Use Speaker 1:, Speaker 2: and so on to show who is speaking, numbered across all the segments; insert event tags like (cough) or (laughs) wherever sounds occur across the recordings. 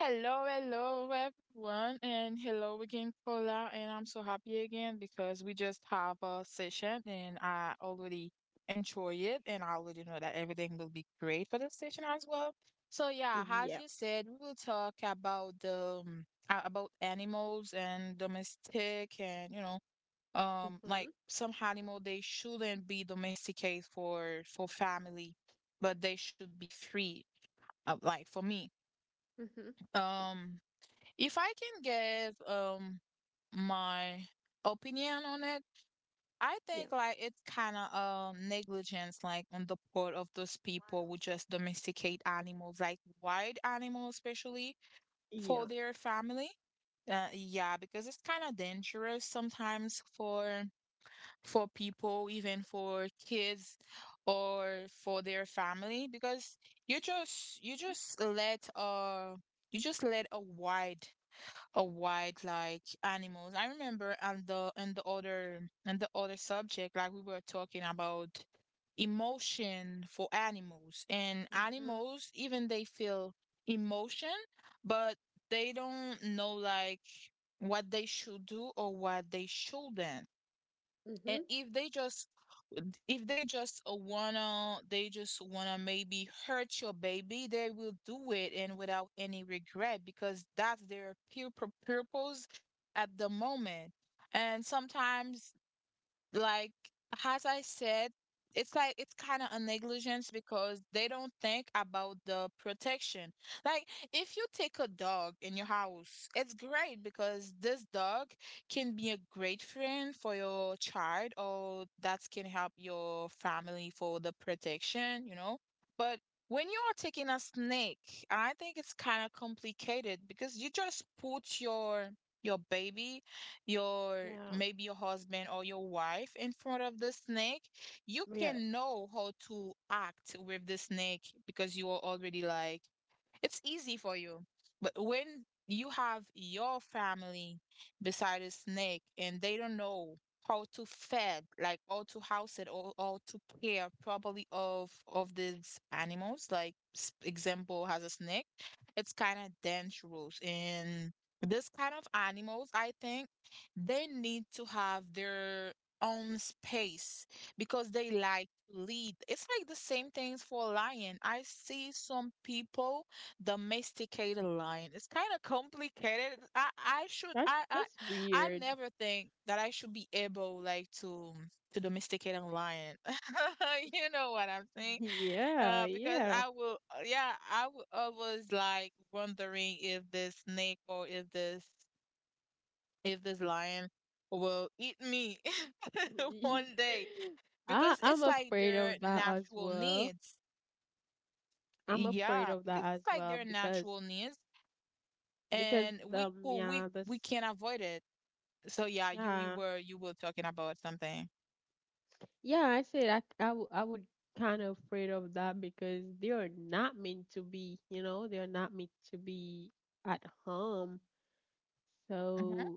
Speaker 1: Hello, hello, everyone, and hello again, Paula. And I'm so happy again because we just have a session, and I already enjoy it, and I already know that everything will be great for the session as well. So yeah, as you said, we will talk about about animals and domestic, and like some animal they shouldn't be domesticated for family, but they should be free. Like for me. Um, if I can give my opinion on it, I think like it's kind of negligence like on the part of those people who just domesticate animals, like wild animals especially for their family. Yeah, because it's kind of dangerous sometimes for people, even for kids or for their family, because you just you just let uh you just let a white like animals. I remember and the other subject like we were talking about emotion for animals, and animals even they feel emotion, but they don't know like what they should do or what they shouldn't. And if they just wanna they just wanna maybe hurt your baby, they will do it and without any regret, because that's their purpose at the moment. And sometimes, like, as I said, it's like it's kind of a negligence because they don't think about the protection. Like, if you take a dog in your house, it's great because this dog can be a great friend for your child, or that can help your family for the protection, you know? But when you are taking a snake, I think it's kind of complicated because you just put your baby, your maybe your husband or your wife in front of the snake. You can know how to act with the snake because you are already like it's easy for you. But when you have your family beside a snake and they don't know how to fed, like how to house it or how to care properly of these animals, like example has a snake, it's kind of dangerous. And this kind of animals, I think they need to have their own space because they like to lead. It's like the same things for lion. I see some people domesticated lion. It's kind of complicated. I never think that I should be able like to domesticate a lion. (laughs) You know what I'm saying? Because I will, yeah, I will always like wondering if this snake or if this lion will eat me (laughs) one day, because it's like their natural needs. Yeah, because it's like their natural needs, and we could we can't avoid it. So yeah, you were talking about something. hmm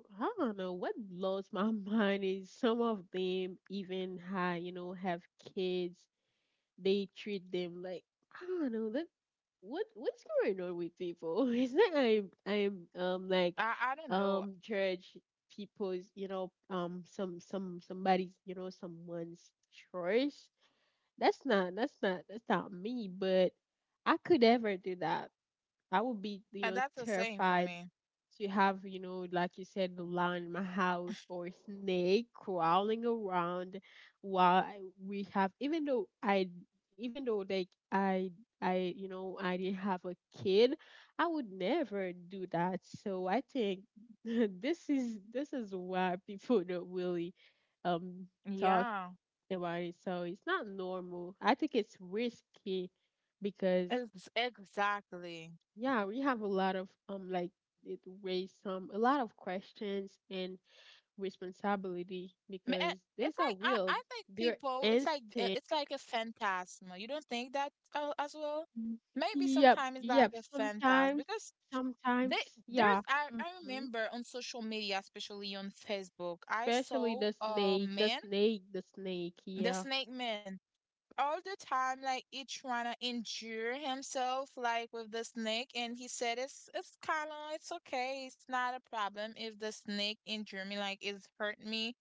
Speaker 1: I don't know. That's the same for me. Yeah, it's exactly. Ma- eh, It's like I think people. It's like a phantasm. You don't think that as well? Maybe sometimes it's like a phantasm because they there's I remember on social media, especially on Facebook, I saw a man, the snake man, all the time, like he trying to injure himself like with the snake, and he said it's kind of it's okay, it's not a problem if the snake injure me, like it's hurt me.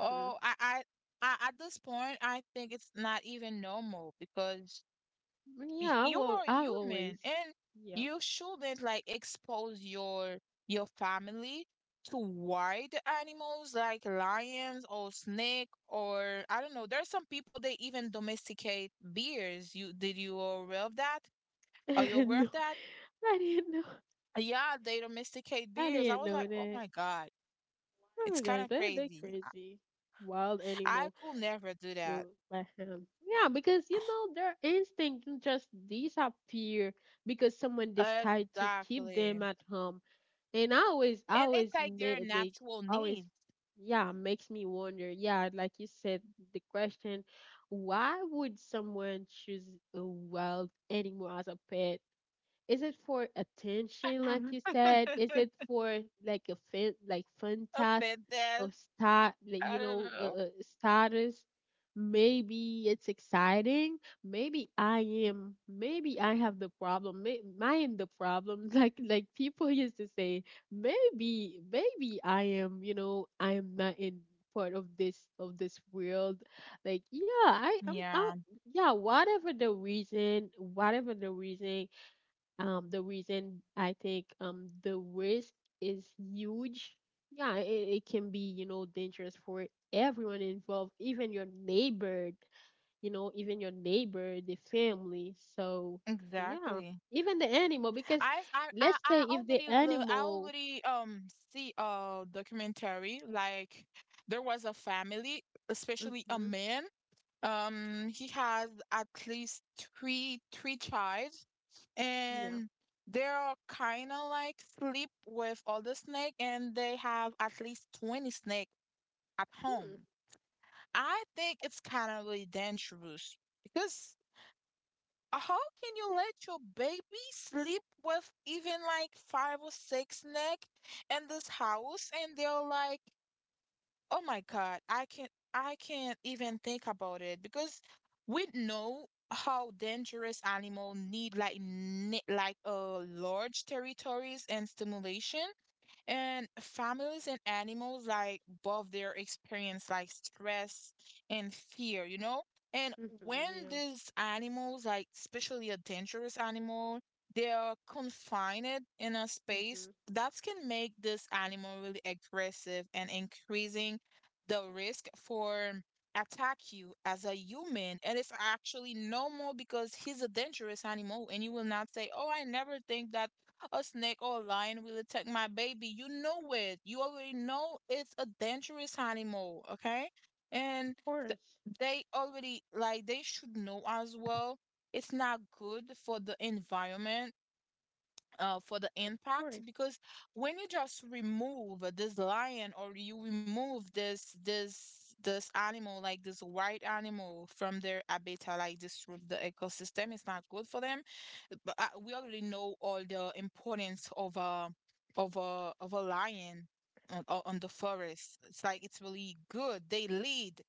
Speaker 1: Oh, I at this point, I think it's not even normal, because you are human, and you shouldn't like expose your family to wild animals like lions or snake or I don't know. There are some people they even domesticate bears. You did you aware of that? Are you aware of that? Yeah, they domesticate bears. I was like, oh my God, it's kind of crazy. I could never do that. Exactly. And it's like their natural need. A pet death. I don't know. Yeah, exactly. I already look, I already see a documentary, like there was a family, especially a man. He has at least three child, and they're kind of like sleep with all the snake, and they have at least 20 snake at home. I think it's kind of really dangerous because how can you let your baby sleep with even like five or six neck in this house? And they're like, oh my God, I can't even think about it, because we know how dangerous animal need like large territories and stimulation, and families and animals like both their experience like stress and fear, you know? And when these animals, like especially a dangerous animal, they are confined in a space, that can make this animal really aggressive and increasing the risk for attack you as a human. And it's actually normal because he's a dangerous animal, and you will not say, "Oh, I never think that." A snake or a lion will attack my baby. You know it. You already know it's a dangerous animal, okay? And th- they already, like, they should know as well. It's not good for the environment, for the impact, because when you just remove this lion, or you remove this animal, like this white animal from their habitat, like disrupt the ecosystem, it's not good for them. But we already know all the importance of a lion on the forest. It's like it's really good, they lead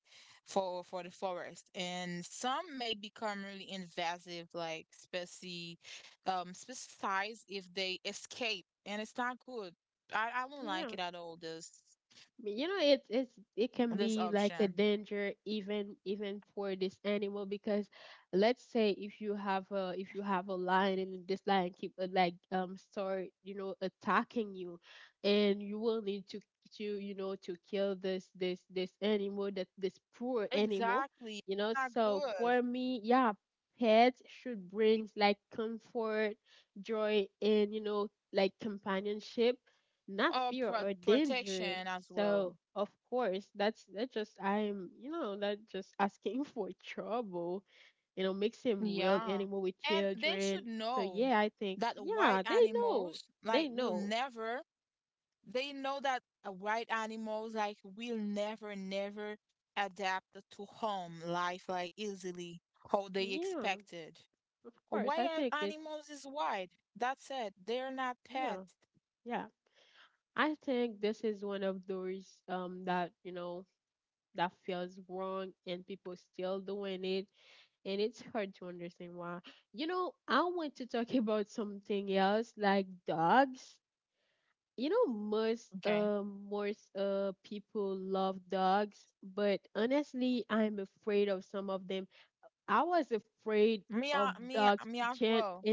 Speaker 1: for the forest, and some may become really invasive like species, um, specifies if they escape, and it's not good. I don't like it at all, this option. Exactly, it's not good. Or protection as well. Yeah, and they should know that white animals like will never, they know that, white animals like will never adapt to home life like easily, how they expected. Wild animals is white. That's it. They're not pets. Okay. Me as well.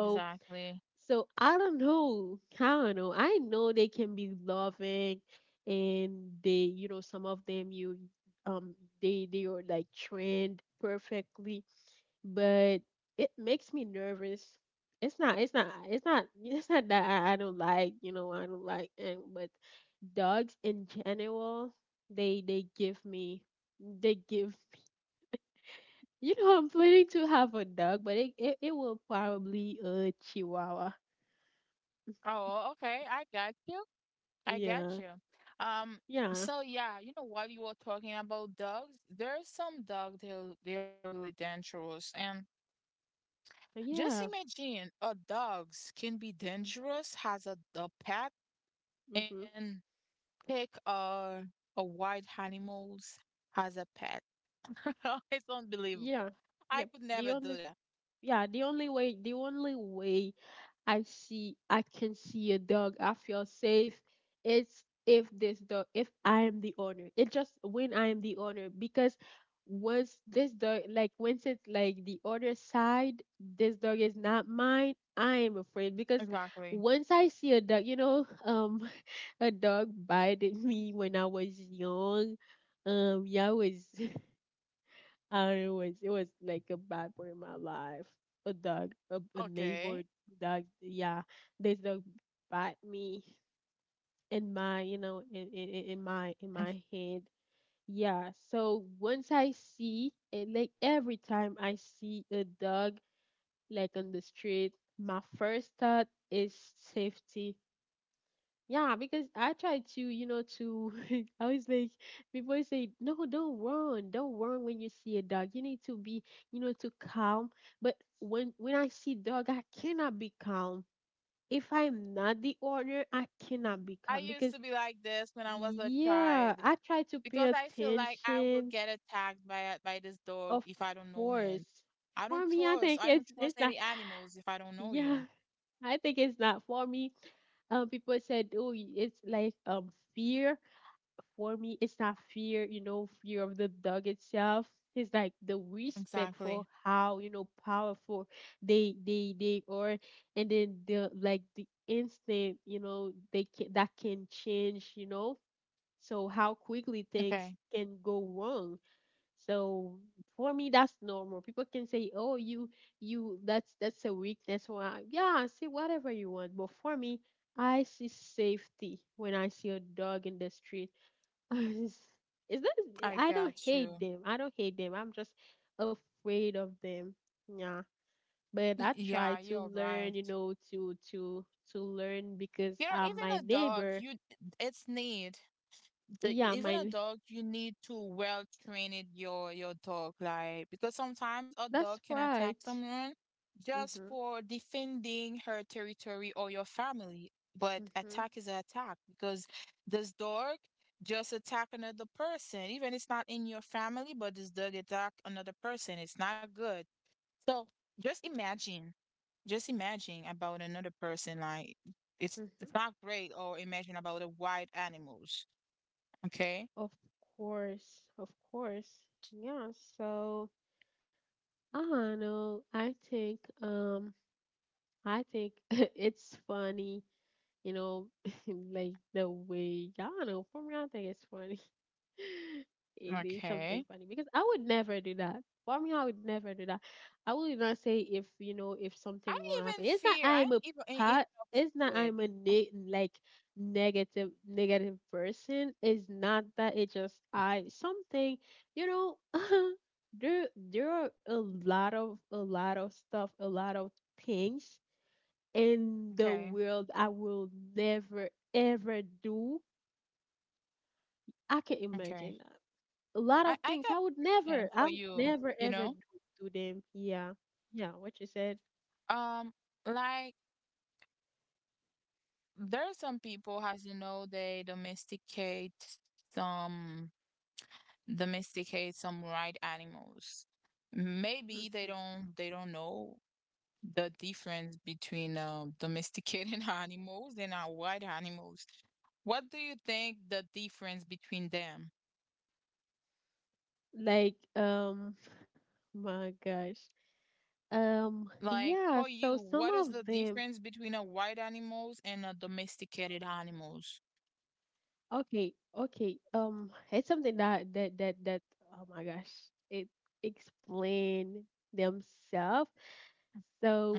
Speaker 1: Exactly. Oh, okay. I got you. I got you. Um, so yeah, you know what you were talking about dogs? There's some dogs they're really dangerous. And just imagine a dogs can be dangerous as a dog pet, and take a wild animals as a pet. (laughs) It's unbelievable. I could never do that. Exactly. Okay. Mm. I used to be like this when I was a child, because I feel like I will get attacked by by this dog if I don't know him. I don't trust. I don't trust any animals if I don't know you. Exactly. Okay. I got you. Yeah, you're right. You know, even a dog, you its need. The Even a dog, you need to well train it, your dog, like, because sometimes a dog can attack someone just for defending her territory or your family, but attack is an attack, because this dog just attack another person, even it's not in your family, but this dog attack another person, it's not good. So just imagine, just imagine about another person, like, it's not great. Or imagine about the wild animals. Okay. Okay. I even fear. I'm even afraid. Okay. Okay. I got a question for you, you know? Um, like, there are some people, as you know, they domesticate some, domesticate some wild animals. Maybe they don't know the difference between domesticated (laughs) animals and wild animals. What do you think the difference between them? Like, for you, what is the difference between a wild animals and a domesticated animals?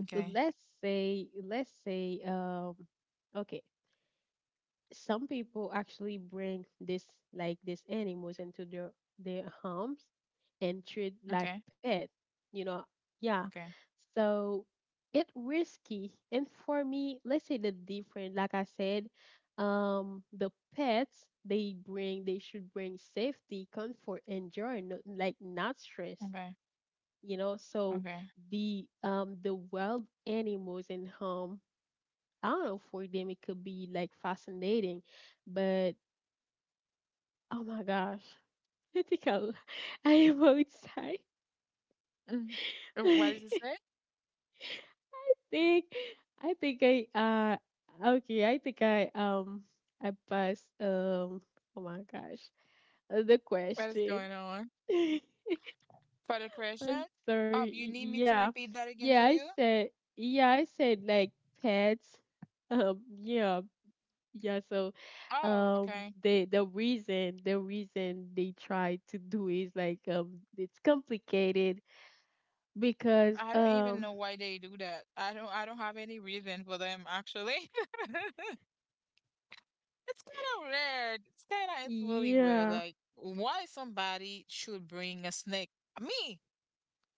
Speaker 1: Okay, okay, okay, okay, okay. Mhm. What does it say? What is going on? For the question, you need me to repeat that again for you? Oh, okay. I don't even know why they do that. I don't. I don't have any reason for them actually. (laughs) It's kind of rare. It's kind of. It's really rare. Like, why somebody should bring a snake? Me.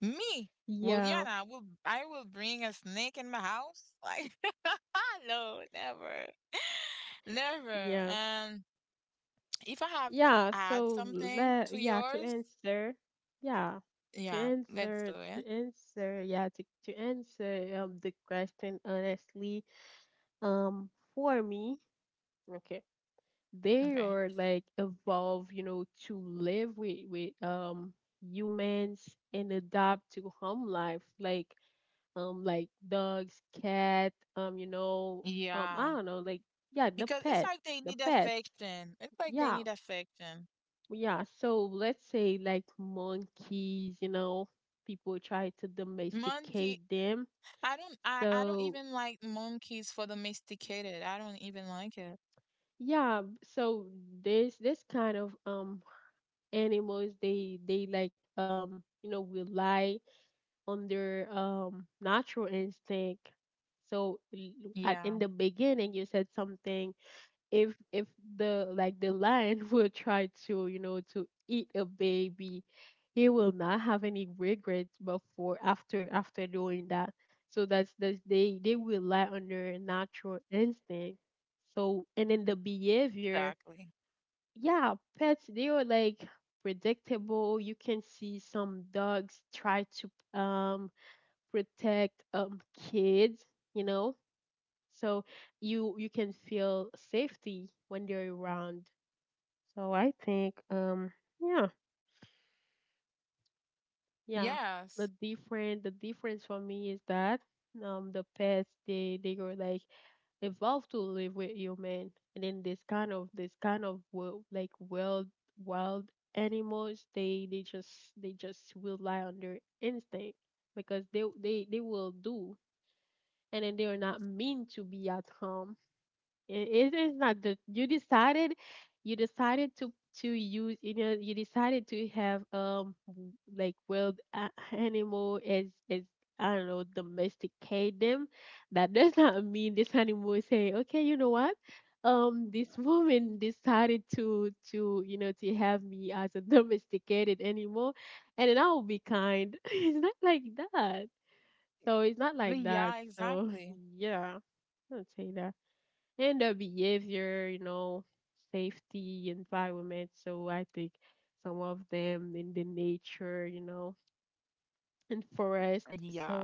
Speaker 1: Me, Williana, will bring a snake in my house. Like, (laughs) no, never, (laughs) never. And if I have to add something to yours, yeah, let's do it. Okay. Yeah, because it's like they need affection. It's like they need affection. Monkey, I don't even like monkeys for domesticated. I don't even like it. Yeah, exactly. Yes. Yeah, exactly. Yeah.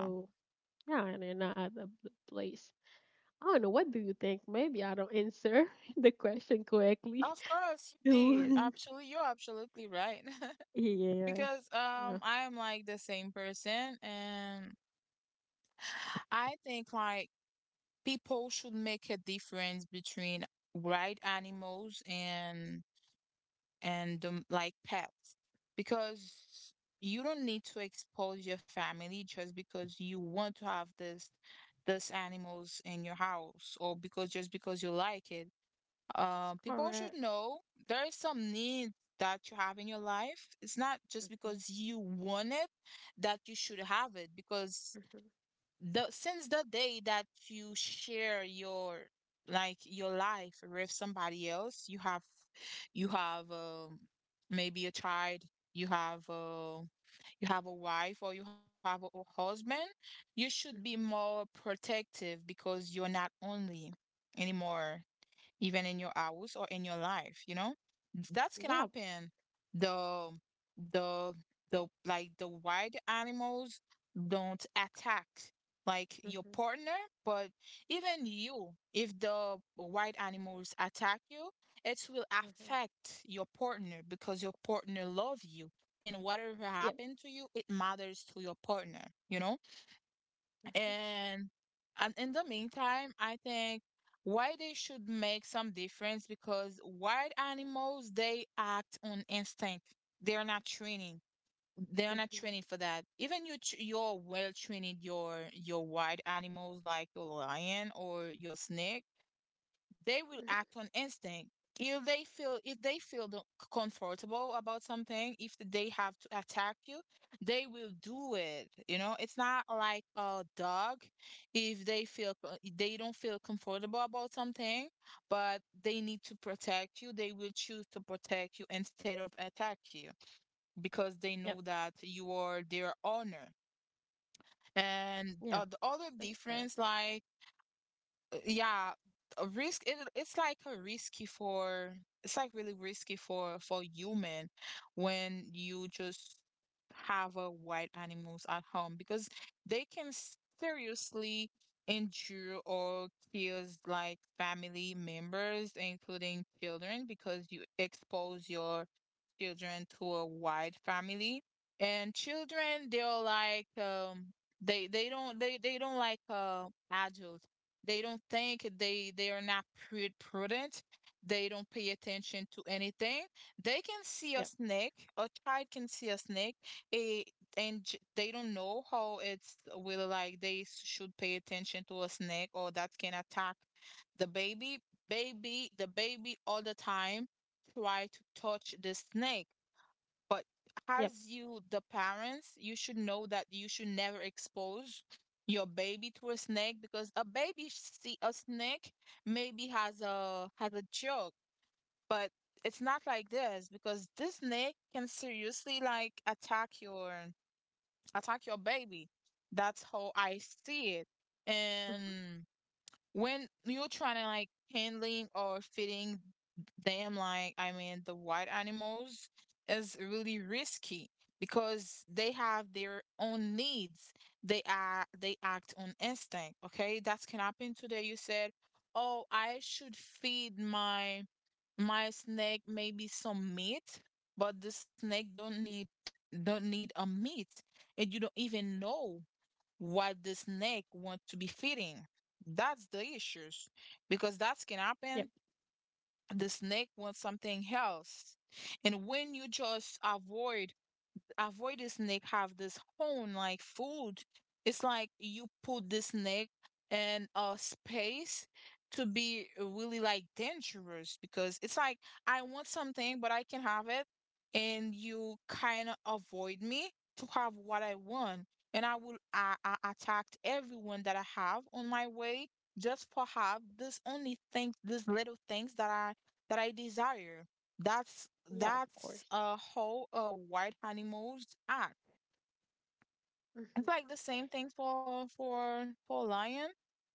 Speaker 1: Of course, you did. Absolutely, you're absolutely right. (laughs) Because I am like the same person, and I think like people should make a difference between wild animals and like pets, because you don't need to expose your family just because you want to have this animals in your house, or because, just because you like it. People should know there is some need that you have in your life. It's not just because you want it that you should have it, because the since the day that you share your your life with somebody else, you have maybe a child, you have uh, you have a wife or you have a husband, you should be more protective because you're not only anymore, even in your house or in your life, you know? That's can happen. The the the wild animals don't attack like your partner, but even you, if the wild animals attack you, it will affect your partner because your partner love you, and whatever happened to you, it matters to your partner, you know? And and in the meantime, I think why they should make some difference, because wild animals, they act on instinct. They're not training. They're not training for that. Even you your well trained your wild animals, like your lion or your snake, they will act on instinct. If they feel comfortable about something, if they have to attack you, they will do it. You know, it's not like a dog. If they feel they don't feel comfortable about something, but they need to protect you, they will choose to protect you instead of attack you, because they know that you are their owner. And the other difference, like uh, yeah a risk it's like a risky for, it's like really risky for human when you just have a wild animals at home, because they can seriously injure or kills like family members, including children, because you expose your children to a wide family. And children, they're like they they don't like adults. They don't think, they are not prudent. They don't pay attention to anything. They can see a snake. A child can see a snake, a, and they don't know how it's will, like they should pay attention to a snake or that can attack the baby. The baby all the time try to touch the snake, but as you, the parents, you should know that you should never expose your baby to a snake, because a baby see a snake, maybe has a joke, but it's not like this, because this snake can seriously like attack your baby. That's how I see it. And when you're trying to like handling or feeding them, like I mean the white animals, is really risky because they have their own needs. They are, they act on instinct. Okay, that can happen. Today you said, oh, I should feed my snake maybe some meat, but the snake don't need a meat, and you don't even know what the snake want to be feeding. That's the issues, because that can happen. The snake wants something else, and when you just avoid this snake have this horn like food. It's like you put this snake in a space to be really like dangerous, because it's like I want something but I can have it, and you kind of avoid me to have what I want. And I will I attacked everyone that I have on my way just for have this only thing, this little things that I desire. That's a whole white animals act. It's like the same thing for for lion.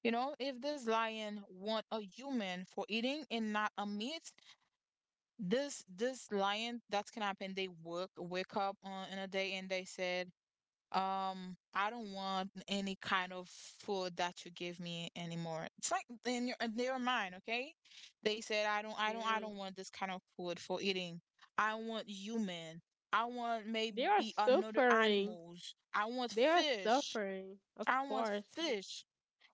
Speaker 1: You know, if this lion want a human for eating and not a meat, this lion, that's can happen. They work wake up on in a day and they said, I don't want any kind of food that you give me anymore. It's like in your in their mind, okay? They said I don't I don't want this kind of food for eating. I want human. I want maybe another animals. I want fish. I want fish.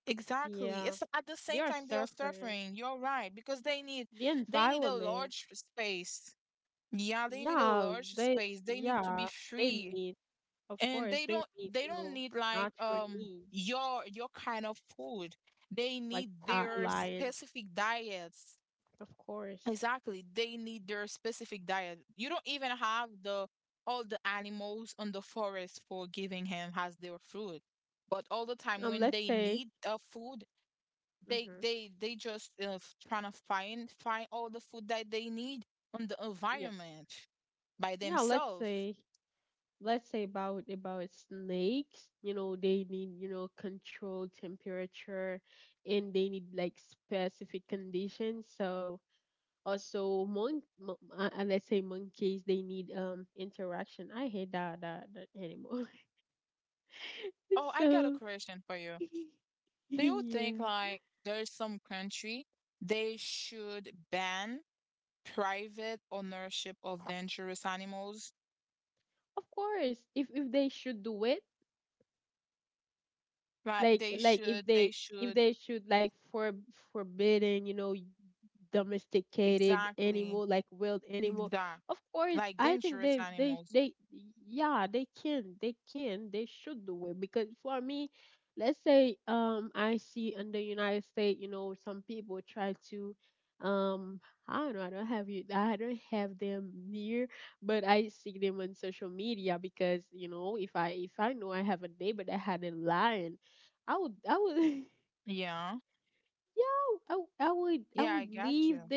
Speaker 1: Exactly. It's at the same time they are suffering. You're right, because they need a large space. Yeah, they need a large space. They need to be free, and they don't need like your kind of food, they need their specific diets. Exactly, they need their specific diet. You don't even have the all the animals on the forest for giving him as their food. But all the time when they need food, they they just trying to find all the food that they need on the environment by themselves. Oh, I got a question for you. Do you think like there's some country they should ban private ownership of dangerous animals? Like they should, they should, exactly, exact, like dangerous animals. Yeah, yeah, I got you.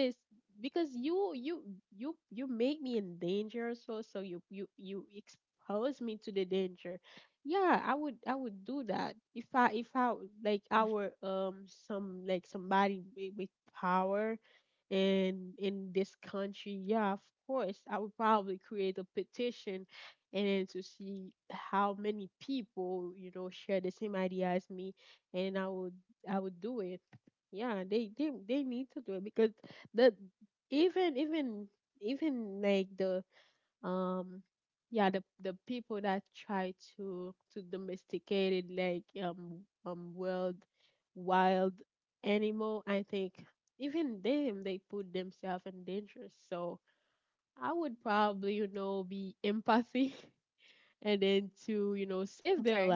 Speaker 1: Okay,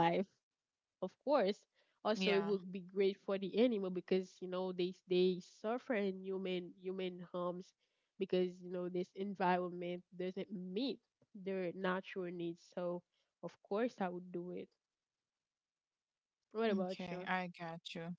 Speaker 1: yeah, okay, I got you.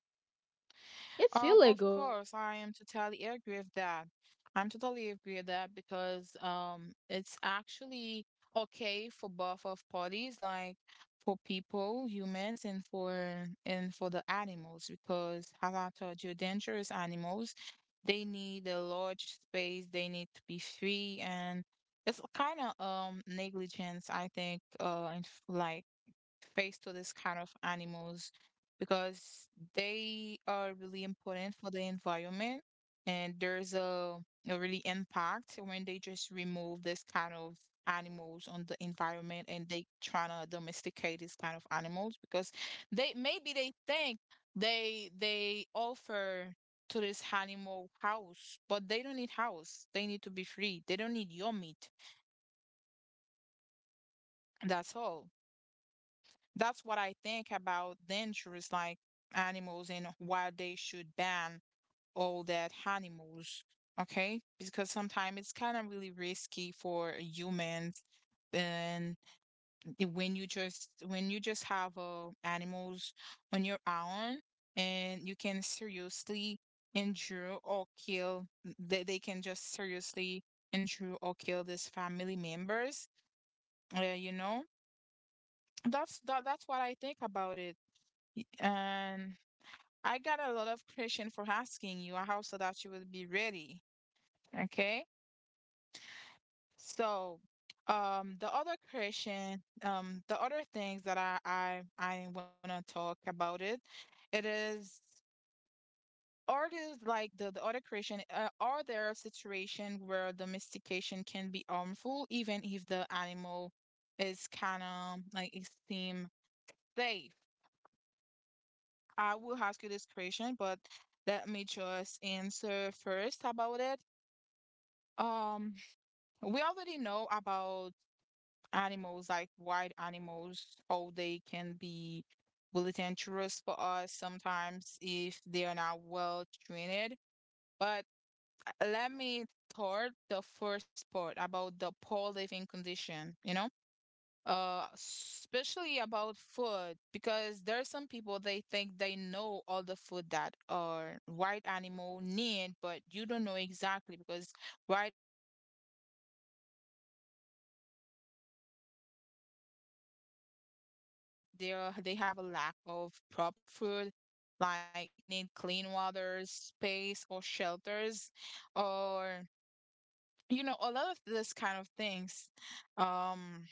Speaker 1: Of course, I am totally agree with that. I'm totally agree with that because it's actually okay for both of parties, like for people, humans, and for the animals, because as I told you, dangerous animals, they need a large space, they need to be free, and it's kind of negligence, I think, in, like face to this kind of animals, because they are really important for the environment. And there's a really impact when they just remove this kind of animals on the environment, and they trying to domesticate these kind of animals, because they maybe they think they offer to this animal house, but they don't need house, they need to be free, they don't need your meat. That's all. That's what I think about dangerous like animals, and why they should ban all that animals. Okay? Because sometimes it's kind of really risky for humans. And when you just have animals on your own, and you can seriously injure or kill, they can just seriously injure or kill these family members, you know. That's what I think about it. And I got a lot of question for asking you. I hope so that you will be ready. Okay. So, the other question, the other things that I want to talk about it, it is, are there like the other question? Are there situations where domestication can be harmful, even if the animal is kind of like it seem safe? I will ask you this question, but let me just answer first about it. Um, we already know about animals, like wild animals, how they can be really dangerous for us sometimes if they are not well trained. But let me start the first part about the poor living condition, you know? Especially about food, because there are some people they think they know all the food that are white animal need, but you don't know exactly, because white animals, animals act according to their instinct. A lack, there they have a lack of proper food, like they need clean water space or shelters, or you know, a lot of this kind of things. um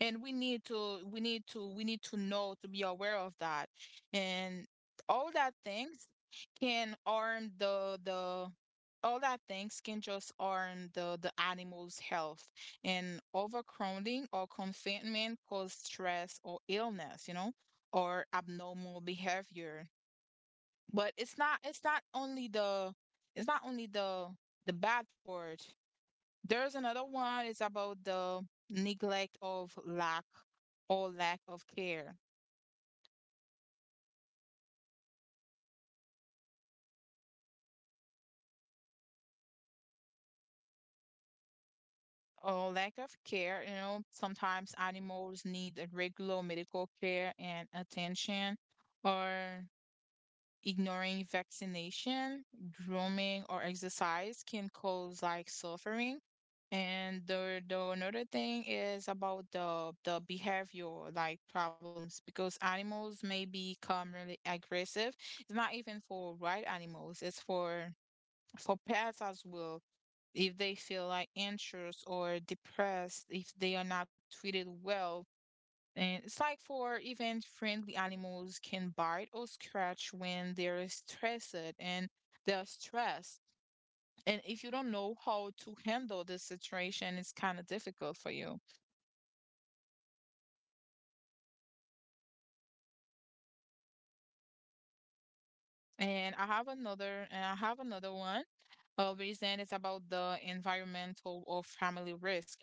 Speaker 1: and we need to know to be aware of that, and all that things can harm the all that things can just harm the animal's health. And overcrowding or confinement cause stress or illness, you know, or abnormal behavior. But it's not only the the bad part. There's another one, it's about the neglect of lack, or lack of care. Or lack of care, you know, sometimes animals need a regular medical care and attention, or ignoring vaccination, grooming, or exercise can cause like suffering. And the another thing is about the behavior like problems, because animals may become really aggressive. It's not even for wild animals, it's for pets as well. If they feel like anxious or depressed, if they are not treated well, and it's like for even friendly animals can bite or scratch when they're stressed. And if you don't know how to handle this situation, it's kind of difficult for you. And I have another one. Reason is about the environmental or family risk,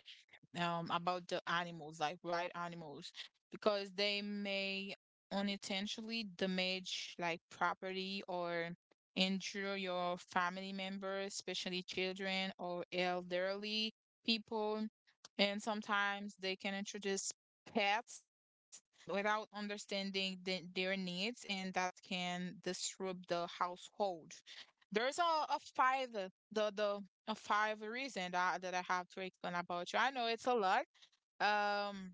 Speaker 1: about the animals, like wild animals, because they may unintentionally damage like property or injure your family members, especially children or elderly people. And sometimes they can introduce pets without understanding their needs, and that can disrupt the household. There's a five the a five reason that I have to explain about you. I know it's a lot, um,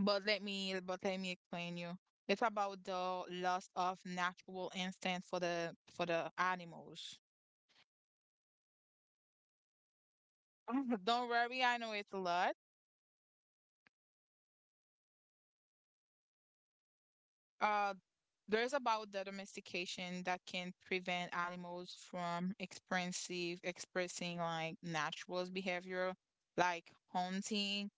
Speaker 1: but let me explain you. It's about the loss of natural instinct for the animals. (laughs) Don't worry, I know it's a lot. Uh, There's about the domestication that can prevent animals from experiencing expressing like natural behavior, like hunting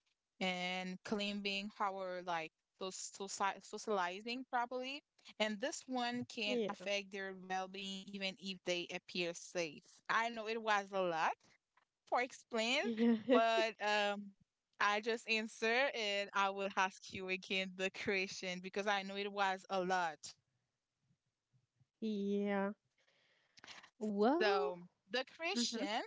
Speaker 1: and climbing, our like those socializing properly. And this one can
Speaker 2: Yeah.
Speaker 1: affect their well-being even if they appear safe. I know it was a lot for explain,
Speaker 2: Yeah. (laughs)
Speaker 1: but I just answer and I will ask you again the question because I know it was a lot.
Speaker 2: Yeah. Well,
Speaker 1: So the
Speaker 2: hmm
Speaker 1: Christian,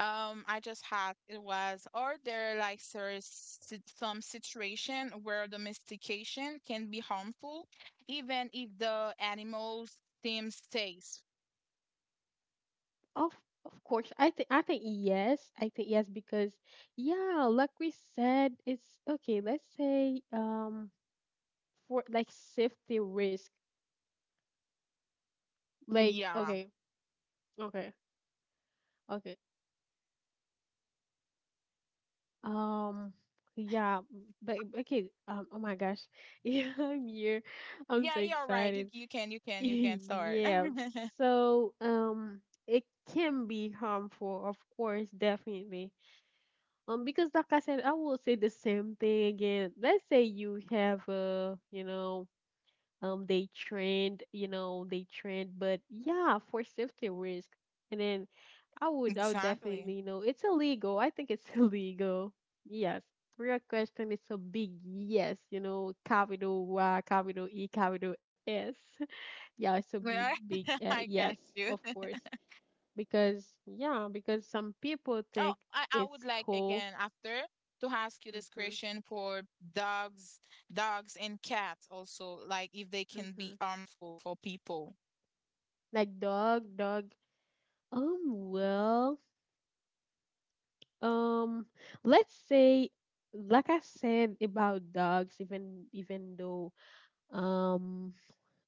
Speaker 1: I just had it was, are there like some situation where domestication can be harmful, even if the animals seem safe?
Speaker 2: Of of course. I think yes. I think yes because yeah, like we said, it's okay, let's say for like safety risk. Like
Speaker 1: Yeah,
Speaker 2: okay, okay, okay. Um yeah, but okay, oh my gosh. (laughs) Yeah, I'm here. I'm
Speaker 1: yeah,
Speaker 2: so
Speaker 1: you're right. You
Speaker 2: excited.
Speaker 1: you can you
Speaker 2: (laughs)
Speaker 1: can you can start.
Speaker 2: Yeah.
Speaker 1: (laughs)
Speaker 2: So, it can be harmful, of course, definitely. Because like I said, I will say the same thing again. Let's say you have a, you know, they trend, they trend, but yeah, for safety risk. And then I would definitely,
Speaker 1: Exactly.
Speaker 2: you know, it's illegal. I think it's (laughs) illegal. Yes. Real question is a big yes, you know, capital Y, capital E, capital S. (laughs) Yeah, it's a big,
Speaker 1: Yeah,
Speaker 2: big
Speaker 1: (laughs) I
Speaker 2: yes,
Speaker 1: got
Speaker 2: of
Speaker 1: you.
Speaker 2: course. Because, yeah, because some people think
Speaker 1: Oh, I would
Speaker 2: it's
Speaker 1: like
Speaker 2: cool.
Speaker 1: again after to ask you this
Speaker 2: Mhm.
Speaker 1: question for dogs, dogs and cats also, like if they can
Speaker 2: Mm-hmm.
Speaker 1: be harmful for people.
Speaker 2: Like dog. Well, um, let's say, like I said about dogs, even though um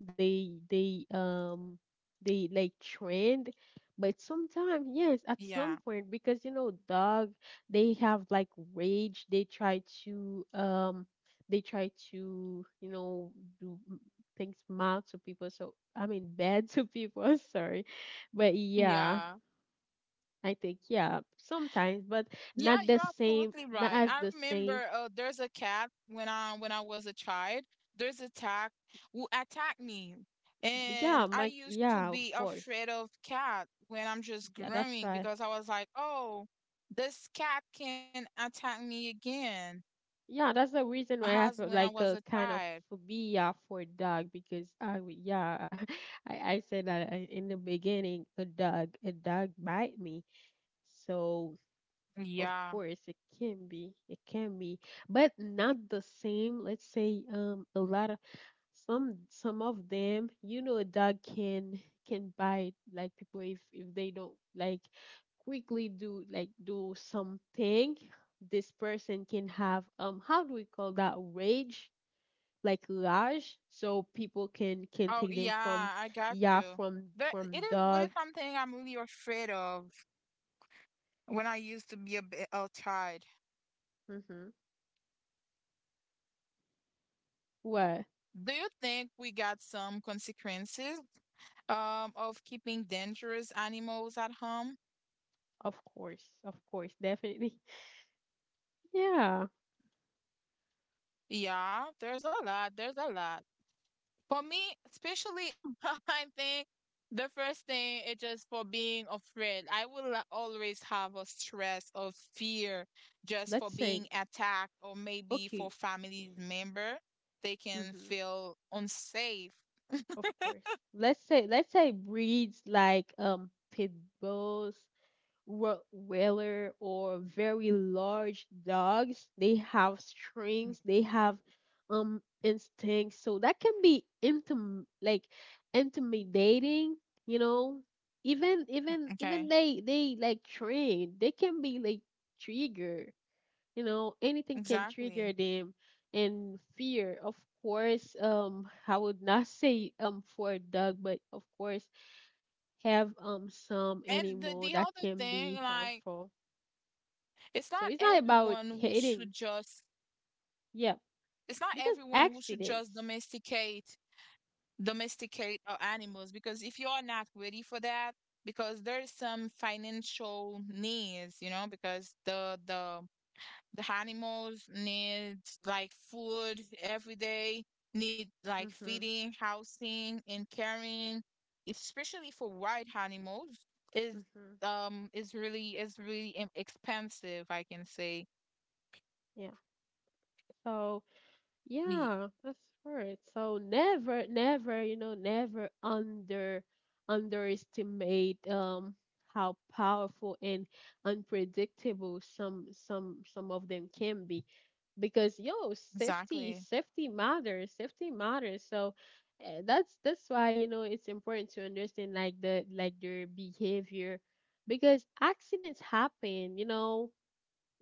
Speaker 2: they they um they like trend, but sometimes yes at some
Speaker 1: Yeah.
Speaker 2: point, because you know dog, they have like rage. They try to, you know, do m- things mal to people, so I mean, (laughs) bad to people, (laughs) sorry, but yeah,
Speaker 1: Yeah.
Speaker 2: I think yeah sometimes, but
Speaker 1: Yeah, you're absolutely
Speaker 2: not
Speaker 1: right.
Speaker 2: as
Speaker 1: I
Speaker 2: the same.
Speaker 1: remember there's a cat when I was a child, there's a cat who attacked me. And
Speaker 2: Yeah,
Speaker 1: I
Speaker 2: my,
Speaker 1: used to
Speaker 2: yeah, of
Speaker 1: be
Speaker 2: course,
Speaker 1: afraid of cat when I'm just
Speaker 2: yeah, that's
Speaker 1: growing
Speaker 2: why.
Speaker 1: because I was like, oh, this cat can attack me again.
Speaker 2: Yeah, that's the reason why
Speaker 1: Has
Speaker 2: I
Speaker 1: when
Speaker 2: have
Speaker 1: I was a
Speaker 2: like a kind
Speaker 1: child.
Speaker 2: of phobia for dog because yeah, (laughs) I said that, in the beginning a dog bite me. So of
Speaker 1: Yeah.
Speaker 2: course it can be, but not the same. Let's say a lot of some of them, you know, a dog can bite like people if they don't, like, quickly do like do something. This person can have, how do we call that, rage, like rage, so people can
Speaker 1: Oh,
Speaker 2: take them from,
Speaker 1: yeah, I got
Speaker 2: yeah,
Speaker 1: you.
Speaker 2: from
Speaker 1: There, it is really
Speaker 2: dog.
Speaker 1: something I'm really afraid of when I used to be a child.
Speaker 2: Mm-hmm. Well,
Speaker 1: Do you think we got some consequences of keeping dangerous animals at home?
Speaker 2: of course, of course, definitely. (laughs) Yeah,
Speaker 1: Yeah, there's a lot. There's a lot. For me, especially, (laughs) I think the first thing is just for being afraid. I will always have a stress of fear just for
Speaker 2: let's
Speaker 1: being
Speaker 2: say
Speaker 1: attacked, or maybe for
Speaker 2: okay.
Speaker 1: family member, they can
Speaker 2: Mm-hmm.
Speaker 1: feel unsafe.
Speaker 2: Of course. Let's say breeds like pit bulls, Rottweiler, or very large dogs. They have
Speaker 1: Mm.
Speaker 2: strings. They have instincts. So that can be intimidating. You know,
Speaker 1: Okay,
Speaker 2: even they like trained. They can be like trigger, you know, anything can
Speaker 1: exactly.
Speaker 2: trigger them, and fear of course. I would not say, for a dog, but of course have some
Speaker 1: And
Speaker 2: animal
Speaker 1: the
Speaker 2: that
Speaker 1: other
Speaker 2: can
Speaker 1: thing,
Speaker 2: be
Speaker 1: like,
Speaker 2: harmful.
Speaker 1: it's
Speaker 2: So
Speaker 1: not
Speaker 2: it's not about
Speaker 1: everyone who
Speaker 2: hating,
Speaker 1: should just.
Speaker 2: yeah,
Speaker 1: It's not
Speaker 2: because
Speaker 1: everyone who should just
Speaker 2: accidents.
Speaker 1: domesticate domesticate our animals because if you are not ready for that, because there's some financial needs, you know, because the the animals need like food every day, need like
Speaker 2: Mhm.
Speaker 1: feeding, housing, and caring, especially for wild animals, is
Speaker 2: Mhm.
Speaker 1: is really expensive, I can say.
Speaker 2: Yeah, so.
Speaker 1: Ye-
Speaker 2: Yeah, that's right. So never, never, never underestimate, how powerful and unpredictable some of them can be. Because yo,
Speaker 1: Exactly.
Speaker 2: safety matters, safety matters. So, that's why, you know, it's important to understand like their behavior, because accidents happen, you know,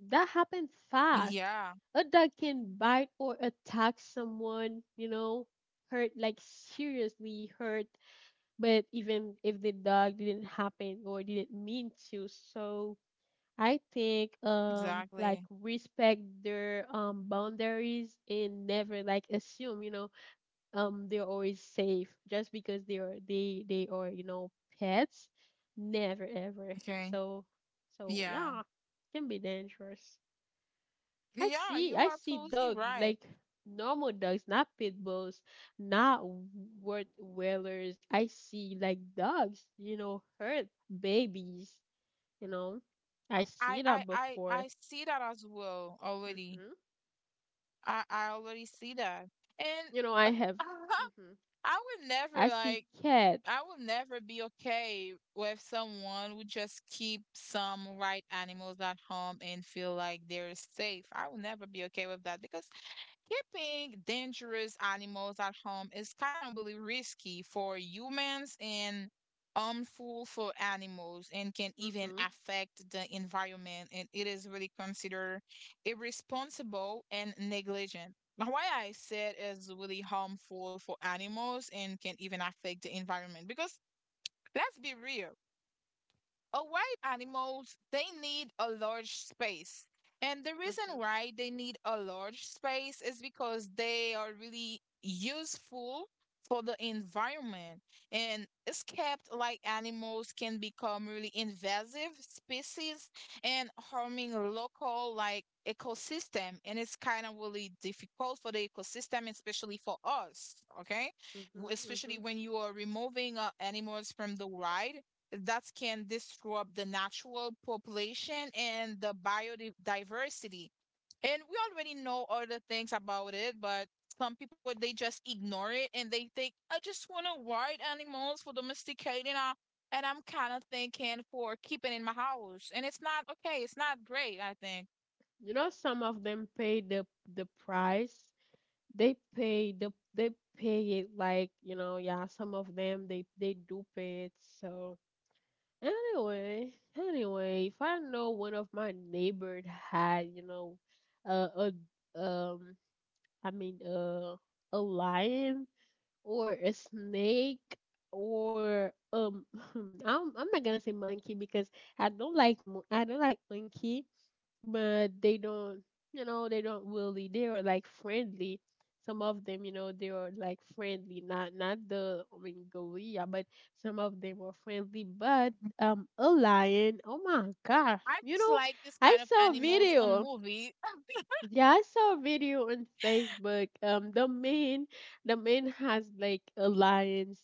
Speaker 2: that happened fast.
Speaker 1: Yeah,
Speaker 2: A dog can bite or attack someone, you know, hurt, like seriously hurt. But even if the dog didn't happen or didn't mean to. So I think,
Speaker 1: exactly.
Speaker 2: like, respect their, boundaries, and never like assume, you know, they're always safe just because they are, you know, pets. Never ever.
Speaker 1: Okay.
Speaker 2: So so
Speaker 1: Yeah.
Speaker 2: yeah, can be dangerous.
Speaker 1: Yeah, you
Speaker 2: I
Speaker 1: are
Speaker 2: see
Speaker 1: absolutely
Speaker 2: dog
Speaker 1: right.
Speaker 2: like normal dogs, not pit bulls, not worth whalers. I see like dogs, you know, hurt babies, you know. I
Speaker 1: I
Speaker 2: see
Speaker 1: I
Speaker 2: that
Speaker 1: I
Speaker 2: before.
Speaker 1: I see that as well already.
Speaker 2: Hmm.
Speaker 1: I already see that. And
Speaker 2: You know,
Speaker 1: uh,
Speaker 2: I have.
Speaker 1: (laughs)
Speaker 2: Hmm.
Speaker 1: I would never
Speaker 2: I see
Speaker 1: like
Speaker 2: cat.
Speaker 1: I would never be okay with someone would just keep some right animals at home and feel like they're safe. I would never be okay with that because keeping dangerous animals at home is kind of really risky for humans and harmful for animals and can
Speaker 2: Hmm.
Speaker 1: even
Speaker 2: Hmm.
Speaker 1: affect the environment and it is really considered irresponsible and negligent. Now, why I said is really harmful for animals and can even affect the environment because let's be real, a white animals, they need a large space. And the reason
Speaker 2: Hmm.
Speaker 1: why they need a large space is because they are really useful for the environment. And escaped like animals can become really invasive species and harming local like ecosystem. And it's kind of really difficult for the ecosystem, especially for us, okay? Especially
Speaker 2: Hmm.
Speaker 1: when you are removing animals from the wild that can disrupt the natural population and the biodiversity. And we already know other things about it, but some people they just ignore it and they think, I just want to ride animals for domesticating. And I'm kind of thinking for keeping in my house. And it's not okay. It's not great, I think.
Speaker 2: Some of them pay the price. They pay they pay it, like, you know, yeah. Some of them they do pay it, so. Anyway, anyway, if I know one of my neighbors had, you know, uh, a, I mean, a lion or a snake or (laughs) I'm not gonna say monkey because I don't like I don't like monkey. But they don't, you know, they don't really, they are like friendly, some of them, you know, they are like friendly, not the Mongolia, but some of them are friendly, but a lion, oh my gosh,
Speaker 1: I
Speaker 2: you
Speaker 1: just
Speaker 2: know,
Speaker 1: like this
Speaker 2: I
Speaker 1: kind of
Speaker 2: saw a
Speaker 1: animals on
Speaker 2: video,
Speaker 1: movie. (laughs)
Speaker 2: yeah, I saw a video on Facebook. The man has like a lion's,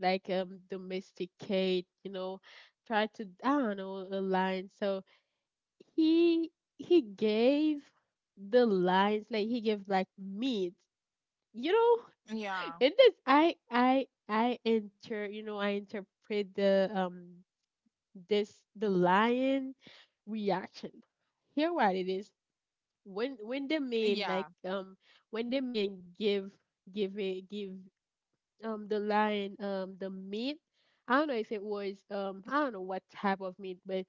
Speaker 2: like domesticate, you know, try to, I don't know, a lion. So he he gave the lines, like he gave like meat. You know, (laughs)
Speaker 1: Yeah.
Speaker 2: in this, I inter-, you know, I interpret the, this, the lion reaction. Here what it is, when the man like,
Speaker 1: Yeah.
Speaker 2: when the man give, give it give, the lion, the meat. I don't know if it was, I don't know what type of meat, but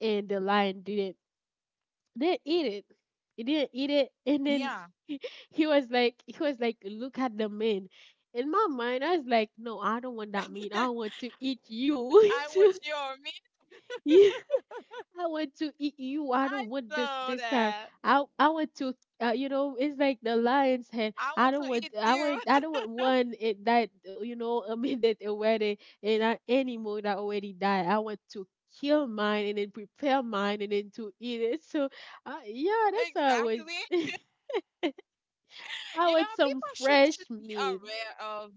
Speaker 2: and the lion didn't eat it. He didn't eat it. (laughs) And then
Speaker 1: Yeah.
Speaker 2: he, (laughs) he was like, look at the man. In my mind, I was like, no, I don't want that meat. I
Speaker 1: (laughs)
Speaker 2: want to eat you. (laughs)
Speaker 1: I
Speaker 2: So,
Speaker 1: want your mean.
Speaker 2: yeah, I want to eat you. I
Speaker 1: I
Speaker 2: don't want
Speaker 1: saw
Speaker 2: this time.
Speaker 1: that.
Speaker 2: I want to, you know, it's like the lion's head.
Speaker 1: I want to eat you.
Speaker 2: I don't
Speaker 1: (laughs)
Speaker 2: want one it that, you know, (laughs) a minute already, and animal that already died. I want to kill mine and then prepare mine and then to eat it. So, yeah, that's how I was. (laughs)
Speaker 1: Exactly.
Speaker 2: I
Speaker 1: You
Speaker 2: want
Speaker 1: know,
Speaker 2: some
Speaker 1: people should
Speaker 2: fresh
Speaker 1: should be
Speaker 2: meat.
Speaker 1: aware of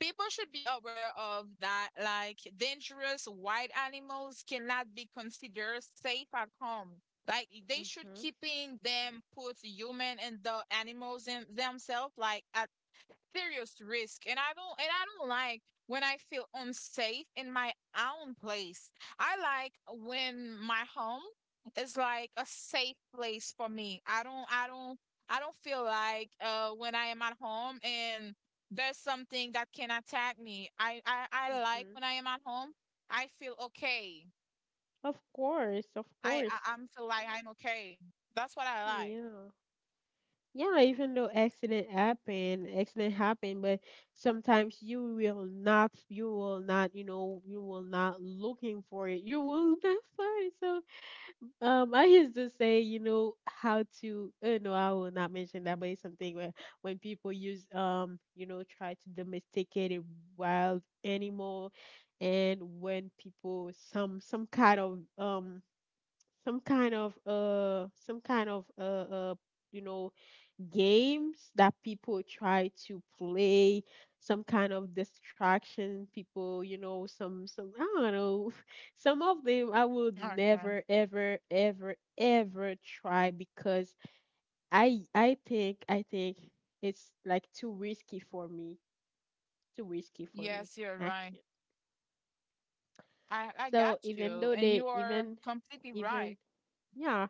Speaker 1: people should be aware of that like dangerous wild animals cannot be considered safe at home. Like they should
Speaker 2: Mhm.
Speaker 1: keeping them put human and the animals in themselves like at serious risk and I don't like when I feel unsafe in my own place. I like when my home is like a safe place for me. I don't feel like when I am at home and there's something that can attack me. I like
Speaker 2: Mhm.
Speaker 1: when I am at home I feel okay.
Speaker 2: Of course, of course.
Speaker 1: I'm feel like I'm okay. That's what I
Speaker 2: Yeah. Yeah, even though accident happen, but sometimes you will not looking for it. You will not find it. So, I used to say, you know, how to, no, I will not mention that, but it's something where when people use, you know, try to domesticate a wild animal, and when people some kind of, some kind of, you know, games that people try to play, some kind of distraction people, you know, some, I don't know. (laughs) Some of them I would
Speaker 1: like. Okay,
Speaker 2: never ever ever ever try because I think it's like too risky for me. Too risky for me.
Speaker 1: yes, you're
Speaker 2: I
Speaker 1: right.
Speaker 2: can't.
Speaker 1: I
Speaker 2: So
Speaker 1: got
Speaker 2: even
Speaker 1: you,
Speaker 2: though
Speaker 1: and
Speaker 2: they
Speaker 1: you are
Speaker 2: even
Speaker 1: completely
Speaker 2: even
Speaker 1: right.
Speaker 2: yeah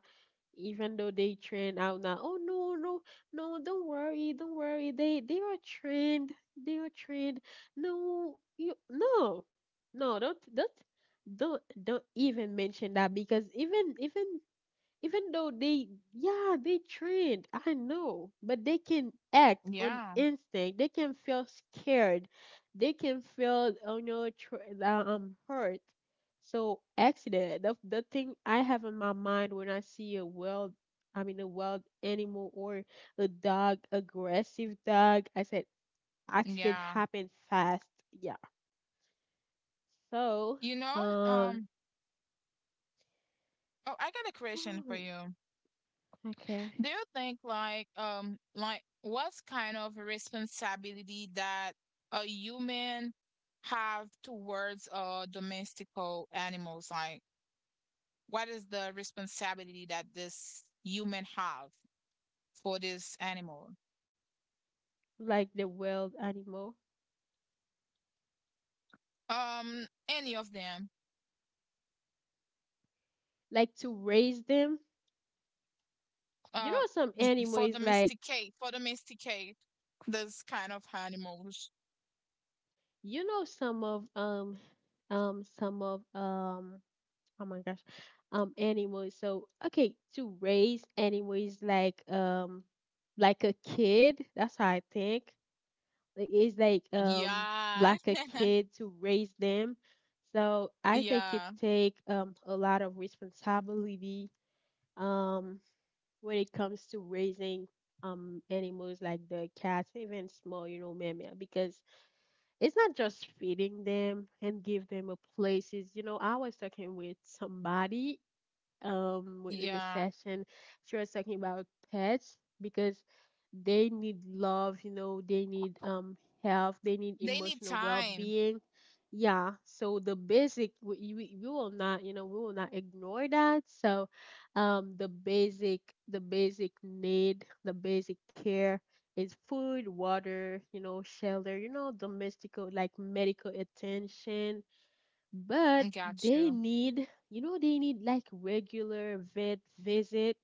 Speaker 2: even though they trend out now. Oh no, no, no, don't worry, don't worry. They are trained. They are trained. No, you no. No, don't even mention that, because even though they, yeah, they trained, I know. But they can act on
Speaker 1: Yeah,
Speaker 2: instinct. They can feel scared. They can feel, oh no, hurt. So accident, the thing I have in my mind, when I see a wild, I mean, a wild animal or a dog, aggressive dog, I said, accident
Speaker 1: yeah.
Speaker 2: happened fast. Yeah, so,
Speaker 1: You know,
Speaker 2: um
Speaker 1: um, oh, I got a question for
Speaker 2: (gasps)
Speaker 1: you.
Speaker 2: (sighs) okay.
Speaker 1: Do you think like what's kind of responsibility that a human have towards domestical animals? Like what is the responsibility that this human have for this animal?
Speaker 2: Like the wild animal,
Speaker 1: Any of them.
Speaker 2: like to raise them. You
Speaker 1: Uh,
Speaker 2: know, some animals like,
Speaker 1: for domesticate this kind of animals.
Speaker 2: you know, some of oh my gosh, animals. So okay, to raise animals like a kid. That's how I think. It is like,
Speaker 1: Yeah.
Speaker 2: like a
Speaker 1: (laughs)
Speaker 2: kid to raise them. So I think it
Speaker 1: Yeah,
Speaker 2: take, a lot of responsibility. Um when it comes to raising, animals like the cats, even small, you know, Meme, because it's not just feeding them and give them a places. You know, I was talking with somebody, within the
Speaker 1: yeah.
Speaker 2: session. She was talking about pets, because they need love, you know, they need, health, they need
Speaker 1: They need
Speaker 2: emotional
Speaker 1: time.
Speaker 2: well-being. Yeah, so the basic, we will not ignore that. So, um the basic the basic care is food, water, you know, shelter, you know, domestical, like medical attention. But
Speaker 1: I got you.
Speaker 2: they need like regular vet visit.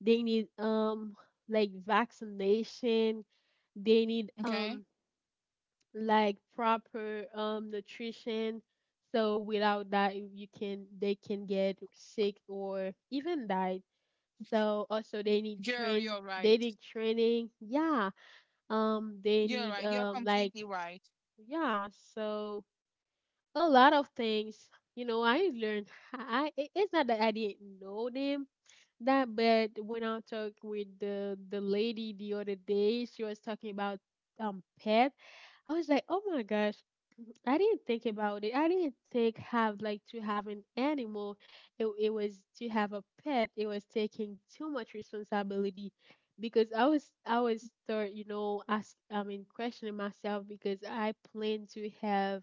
Speaker 2: They need, like vaccination. They need,
Speaker 1: Okay.
Speaker 2: like proper, nutrition. So without that you can, they can get sick or even die. So also
Speaker 1: Girl, you're
Speaker 2: they
Speaker 1: right.
Speaker 2: need training, yeah. They
Speaker 1: You're
Speaker 2: need,
Speaker 1: right. You're
Speaker 2: like,
Speaker 1: completely right.
Speaker 2: yeah. So a lot of things, you know, I learned. It's not that I didn't know them that, but when I talked with the lady the other day, she was talking about, pet. I was like, oh my gosh, I didn't think about it. I didn't think have like to have an animal. It was to have a pet. It was taking too much responsibility, because I was start, you know, ask, I mean, questioning myself, because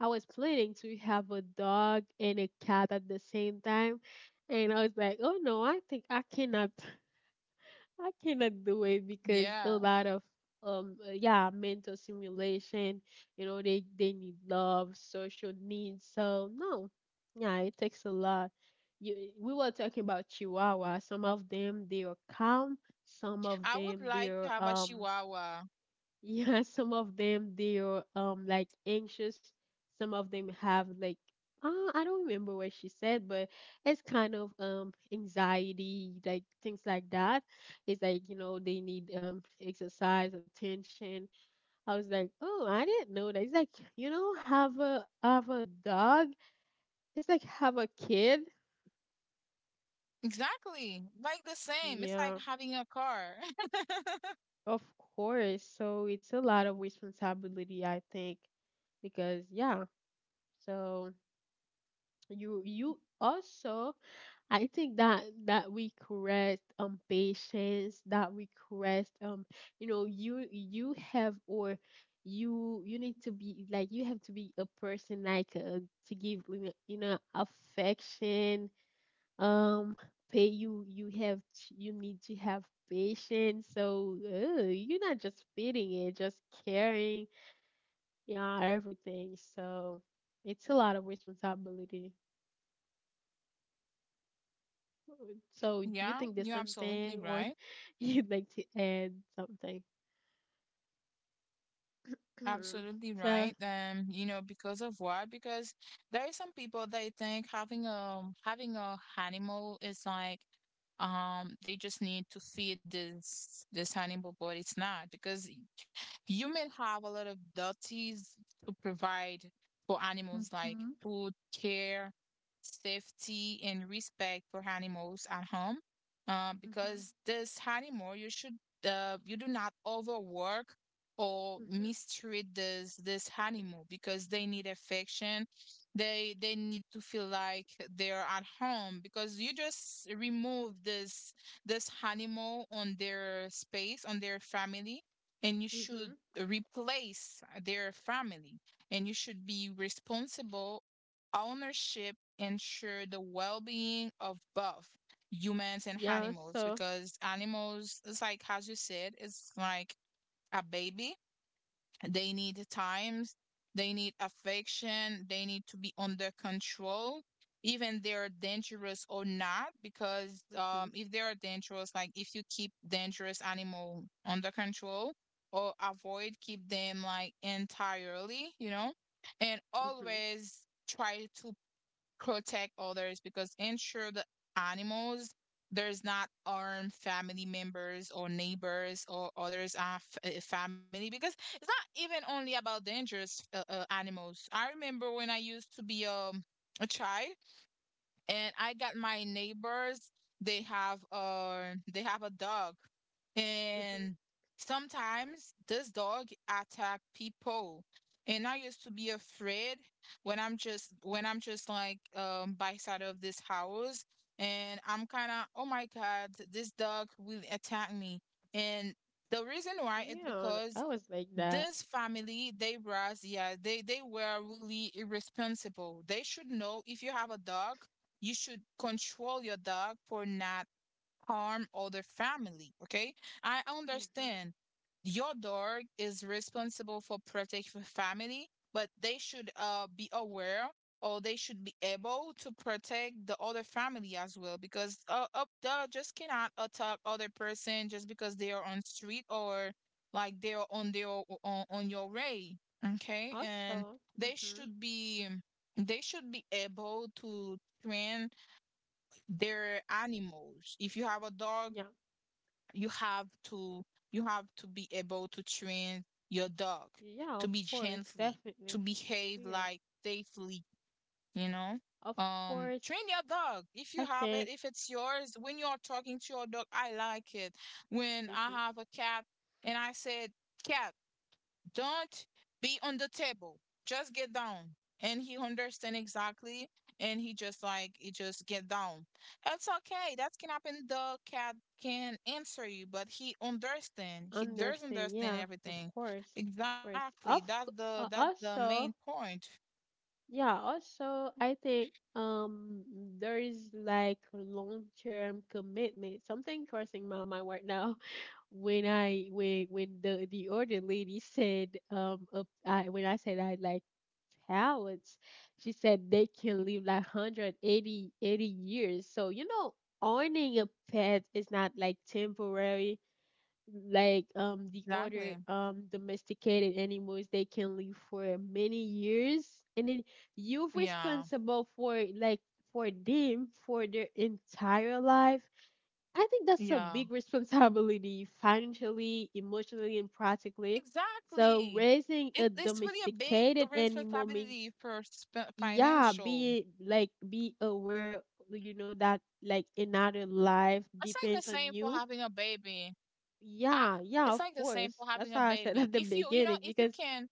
Speaker 2: I was planning to have a dog and a cat at the same time, and I was like, oh no, I think I cannot, (laughs) I cannot do it, because a
Speaker 1: Yeah.
Speaker 2: lot of, yeah, mental simulation, you know, they need love, social needs, so no, yeah, it takes a lot. We were talking about Chihuahua. Some of them they are calm, some of
Speaker 1: I would
Speaker 2: them they
Speaker 1: like to
Speaker 2: are
Speaker 1: have a Chihuahua.
Speaker 2: yeah, (laughs) some of them they are like anxious. Some of them have like uh, I don't remember what she said, but it's kind of anxiety, like things like that. It's like you know they need exercise, attention. I was like, oh, I didn't know that. It's like you know have a dog. It's like have a kid.
Speaker 1: Exactly. Like the same. It's like
Speaker 2: Yeah,
Speaker 1: having a car. (laughs)
Speaker 2: of course. So it's a lot of responsibility, I think, because yeah. So. You also I think that we correct patience, that we correct you know you have, or you need to be like, you have to be a person like to give, you know, you know, affection, um pay you you need to have patience, so you're not just feeding it, just caring, yeah, everything, so it's a lot of responsibility. So, do you
Speaker 1: Yeah,
Speaker 2: think there's
Speaker 1: you're absolutely
Speaker 2: something or
Speaker 1: right.
Speaker 2: (laughs) you'd like to add something? Mhm.
Speaker 1: Absolutely right.
Speaker 2: so,
Speaker 1: You know, because of what? Because there are some people they think having a animal is like they just need to feed this this animal, but it's not because you may have a lot of duties to provide for animals like
Speaker 2: hmm.
Speaker 1: food, care, safety, and respect for animals at home.
Speaker 2: Mhm,
Speaker 1: Because this animal you should you do not overwork or
Speaker 2: mhm,
Speaker 1: mistreat this this animal because they need affection. They need to feel like they're at home because you just remove this animal on their space on their family and you should
Speaker 2: mhm.
Speaker 1: replace their family and you should be responsible ownership ensure the well-being of both humans and
Speaker 2: Yeah,
Speaker 1: animals
Speaker 2: so
Speaker 1: because animals it's like as you said it's like a baby. They need times, they need affection, they need to be under control, even they're dangerous or not. Because
Speaker 2: mhm,
Speaker 1: if they are dangerous, like if you keep dangerous animal under control or avoid keep them like entirely, you know, and
Speaker 2: mhm,
Speaker 1: always try to protect others because ensure the animals there's not harm family members or neighbors or others are family because it's not even only about dangerous animals. I remember when I used to be a child and I got my neighbors. They have a dog,
Speaker 2: mhm.
Speaker 1: and sometimes this dog attack people. And I used to be afraid when I'm just like by side of this house, and I'm kind of oh my god, this dog will attack me. And the reason why is
Speaker 2: Yeah,
Speaker 1: because
Speaker 2: I was like that.
Speaker 1: this family they was yeah they were really irresponsible. They should know if you have a dog you should control your dog for not harm other family. Okay, I
Speaker 2: Hmm.
Speaker 1: understand. Your dog is responsible for protecting family but they should be aware or they should be able to protect the other family as well because a dog just cannot attack other person just because they are on street or like they are on their on your way. Okay. And
Speaker 2: Also,
Speaker 1: they
Speaker 2: hmm.
Speaker 1: should be they should be able to train their animals. If you have a dog
Speaker 2: Yeah,
Speaker 1: you have to be able to train your dog
Speaker 2: yeah, of
Speaker 1: to be
Speaker 2: course,
Speaker 1: gently,
Speaker 2: definitely.
Speaker 1: to behave
Speaker 2: Yeah,
Speaker 1: like safely, you know?
Speaker 2: of course,
Speaker 1: Train your dog if you
Speaker 2: I
Speaker 1: have it,
Speaker 2: think.
Speaker 1: if it's yours. When you're talking to your dog, I like it. When I
Speaker 2: Hmm.
Speaker 1: have a cat and I said, Cat, don't be on the table. Just get down. And he understand exactly. And he just get down. That's okay. That can happen. The cat can answer you, but he understand. He does
Speaker 2: Understand,
Speaker 1: understand
Speaker 2: yeah, of
Speaker 1: everything.
Speaker 2: course, of course.
Speaker 1: Exactly. That's the that's the main
Speaker 2: Also,
Speaker 1: point.
Speaker 2: yeah, also I think there is like long-term commitment. Something crossing my mind right now (laughs) when the older lady said I when I said I like talents, she said they can live like 180 80 years. So, you know, owning a pet is not like temporary, like the other
Speaker 1: Exactly.
Speaker 2: domesticated animals, they can live for many years, and then you're
Speaker 1: Yeah.
Speaker 2: responsible for like for them, for their entire life. I think that's a
Speaker 1: Yeah.
Speaker 2: big (laughs) responsibility, financially, emotionally, and practically. So
Speaker 1: Exactly.
Speaker 2: raising
Speaker 1: It,
Speaker 2: a
Speaker 1: it's really a big
Speaker 2: domesticated animal means,
Speaker 1: responsibility for
Speaker 2: yeah,
Speaker 1: financial.
Speaker 2: be like, be aware, you know, that like another life
Speaker 1: It's like the
Speaker 2: depends on
Speaker 1: same for
Speaker 2: you.
Speaker 1: having a baby. I
Speaker 2: Yeah, yeah,
Speaker 1: it's
Speaker 2: of
Speaker 1: like the same for
Speaker 2: course. That's
Speaker 1: having a
Speaker 2: how I said
Speaker 1: baby.
Speaker 2: at the
Speaker 1: If
Speaker 2: beginning,
Speaker 1: if you
Speaker 2: because
Speaker 1: can,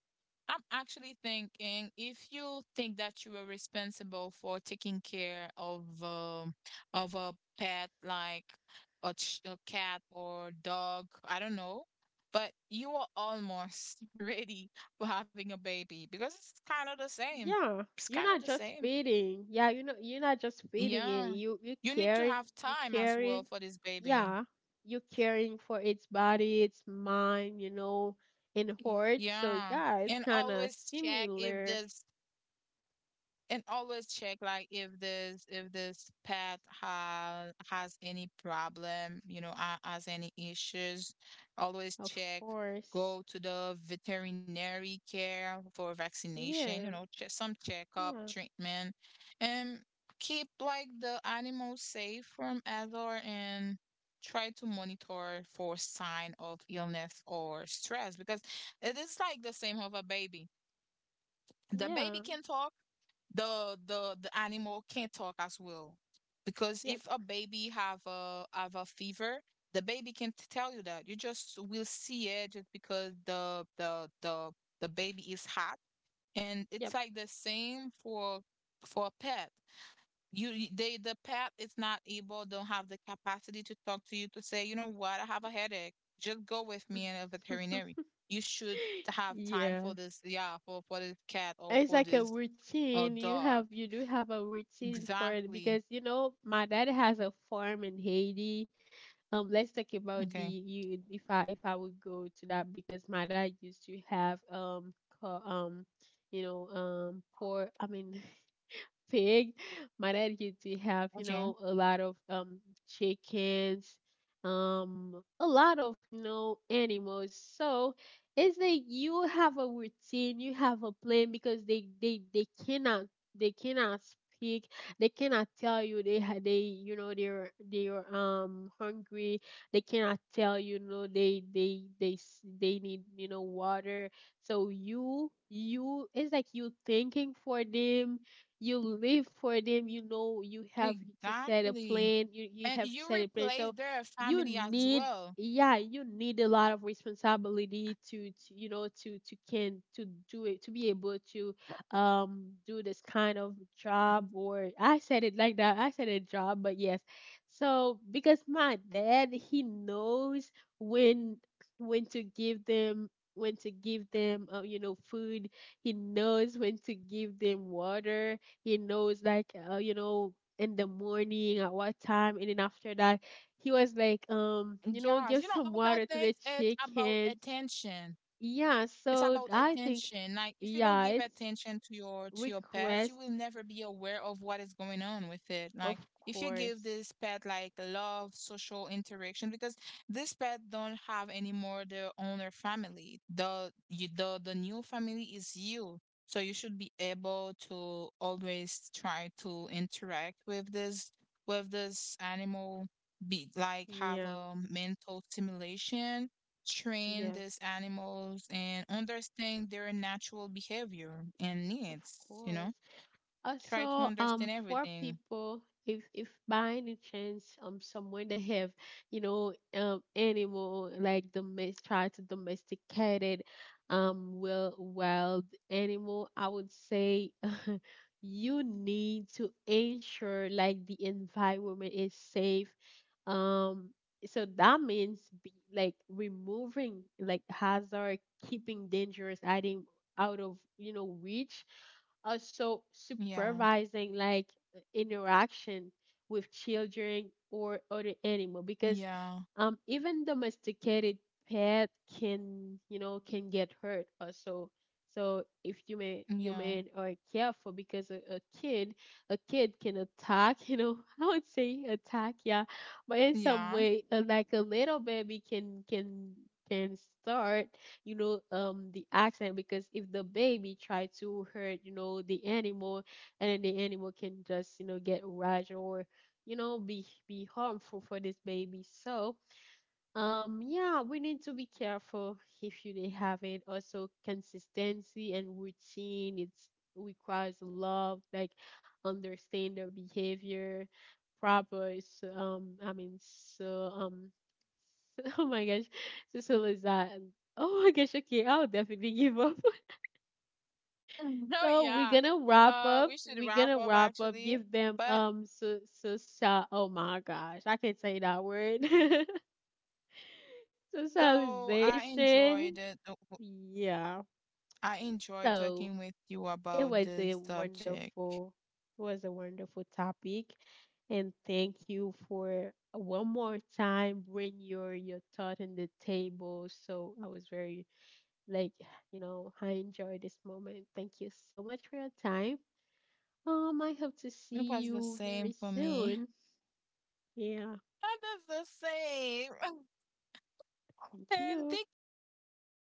Speaker 1: I'm actually thinking if you think that you are responsible for taking care of a pet like a cat or dog, I don't know, but you are almost (laughs) ready for having a baby because it's kind of the same.
Speaker 2: yeah,
Speaker 1: It's
Speaker 2: you're
Speaker 1: kind of the
Speaker 2: not just
Speaker 1: same.
Speaker 2: feeding. Yeah, you know, you're not just feeding it.
Speaker 1: Yeah.
Speaker 2: You
Speaker 1: You need to
Speaker 2: caring,
Speaker 1: have
Speaker 2: you
Speaker 1: time as well
Speaker 2: caring.
Speaker 1: for this baby.
Speaker 2: Yeah, you caring for its body, its mind, you know, and heart.
Speaker 1: Yeah.
Speaker 2: So yeah,
Speaker 1: And
Speaker 2: it's kind
Speaker 1: always
Speaker 2: of
Speaker 1: check if
Speaker 2: similar,
Speaker 1: this and always check like if this pet has any problem, you know, has any issues. Always
Speaker 2: of
Speaker 1: check.
Speaker 2: course.
Speaker 1: Go to the veterinary care for vaccination, you
Speaker 2: Yeah,
Speaker 1: know, check some checkup
Speaker 2: yeah,
Speaker 1: treatment and keep like the animal safe from other and try to monitor for sign of illness or stress because it is like the same of a baby the baby
Speaker 2: yeah,
Speaker 1: can talk. The animal can talk as well, because
Speaker 2: yep,
Speaker 1: if a baby have a fever, the baby can tell you that. You just will see it just because the baby is hot, and
Speaker 2: yep.
Speaker 1: it's like the same for a pet. The pet is not able, don't have the capacity to talk to you to say you know what I have a headache, just go with me in a veterinary. You should
Speaker 2: (laughs)
Speaker 1: have time
Speaker 2: Yeah.
Speaker 1: for this, yeah, for this cat or
Speaker 2: It's
Speaker 1: for
Speaker 2: like a
Speaker 1: this
Speaker 2: routine. You
Speaker 1: dog.
Speaker 2: have you do have a routine for it,
Speaker 1: Exactly.
Speaker 2: because you know my dad has a farm in Haiti. Let's talk about the
Speaker 1: Okay.
Speaker 2: you if I would go to that, because my dad used to have co- um you know, poor I mean, pig. My dad used to have, you
Speaker 1: Okay.
Speaker 2: know, a lot of chickens, a lot of, you know, animals. So it's like you have a routine, you have a plan, because they cannot speak, they cannot tell you they, you know, they're hungry. They cannot tell you, you know, they need, you know, water. So you, it's like you thinking for them, you live for them, you know, you have to set a
Speaker 1: Exactly.
Speaker 2: plan, you
Speaker 1: And
Speaker 2: have to
Speaker 1: you
Speaker 2: set a plan,
Speaker 1: replace
Speaker 2: so
Speaker 1: their
Speaker 2: you
Speaker 1: family as
Speaker 2: need,
Speaker 1: well.
Speaker 2: yeah, you need a lot of responsibility to, you know, to can, to do it, to be able to do this kind of job. Or I said it like that, I said a job, but yes. So because my dad, he knows when to give them, you know, food. He knows when to give them water. He knows like you know, in the morning, at what time, and then after that, he was like you know,
Speaker 1: Yes.
Speaker 2: give
Speaker 1: You know
Speaker 2: some
Speaker 1: all that
Speaker 2: water to the
Speaker 1: things it's about
Speaker 2: chickens.
Speaker 1: attention.
Speaker 2: Yeah,
Speaker 1: It's
Speaker 2: so
Speaker 1: about
Speaker 2: I think,
Speaker 1: attention. Like if you don't
Speaker 2: yeah,
Speaker 1: give
Speaker 2: it's
Speaker 1: attention to your pets you
Speaker 2: request,
Speaker 1: will never be aware of what is going on with it. Like
Speaker 2: of
Speaker 1: if you give
Speaker 2: course.
Speaker 1: this pet like love, social interaction because this pet don't have anymore their owner family. The you the new family is you. So you should be able to always try to interact with this animal. Be like have
Speaker 2: Yeah,
Speaker 1: a mental stimulation, train
Speaker 2: yeah,
Speaker 1: these animals and understand their natural behavior and
Speaker 2: of
Speaker 1: needs, you
Speaker 2: course.
Speaker 1: know? Try to
Speaker 2: Also,
Speaker 1: understand
Speaker 2: for
Speaker 1: everything.
Speaker 2: people, if by any chance, someone, they have, you know, animal like domestic, try to domesticate it, well, wild animal, I would say, (laughs) you need to ensure like the environment is safe. Um, so that means, be like removing like hazard, keeping dangerous item out of, you know, reach, also
Speaker 1: Yeah,
Speaker 2: supervising like interaction with children or other animal, because
Speaker 1: yeah,
Speaker 2: even domesticated pet can, you know, can get hurt also. So if you may, you
Speaker 1: yeah,
Speaker 2: may are careful, because a kid can attack, you know, (laughs) I would say attack, yeah, but in some
Speaker 1: yeah. (laughs)
Speaker 2: way like a little baby can can start, you know, the accident, because if the baby try to hurt, you know, the animal, and then the animal can just, you know, get rash, or, you know, be harmful for this baby. So yeah, we need to be careful if you didn't have it. Also, consistency and routine, it's requires love, like understand their behavior, proper, I mean, so, (laughs) oh my gosh, is that, oh my gosh, okay, I'll definitely give up. (laughs)
Speaker 1: Oh,
Speaker 2: So we're
Speaker 1: yeah.
Speaker 2: gonna wrap up.
Speaker 1: We should
Speaker 2: We're
Speaker 1: wrap
Speaker 2: gonna
Speaker 1: up
Speaker 2: wrap up.
Speaker 1: actually.
Speaker 2: Give them
Speaker 1: But
Speaker 2: oh my gosh, I can't say that word. (laughs)
Speaker 1: so I
Speaker 2: Socialization.
Speaker 1: enjoyed it.
Speaker 2: Yeah.
Speaker 1: I enjoyed
Speaker 2: So
Speaker 1: talking with you
Speaker 2: it
Speaker 1: about
Speaker 2: was a
Speaker 1: this subject.
Speaker 2: wonderful, it was a wonderful topic, and thank you for one more time bring your thought on the table. So I was very like, you know, I enjoyed this moment. Thank you so much for your time. I hope to
Speaker 1: It
Speaker 2: see
Speaker 1: was the
Speaker 2: you
Speaker 1: same
Speaker 2: very
Speaker 1: for me.
Speaker 2: soon. Yeah.
Speaker 1: (laughs) It was the same. (laughs)
Speaker 2: Thank
Speaker 1: And
Speaker 2: you.
Speaker 1: thank you for this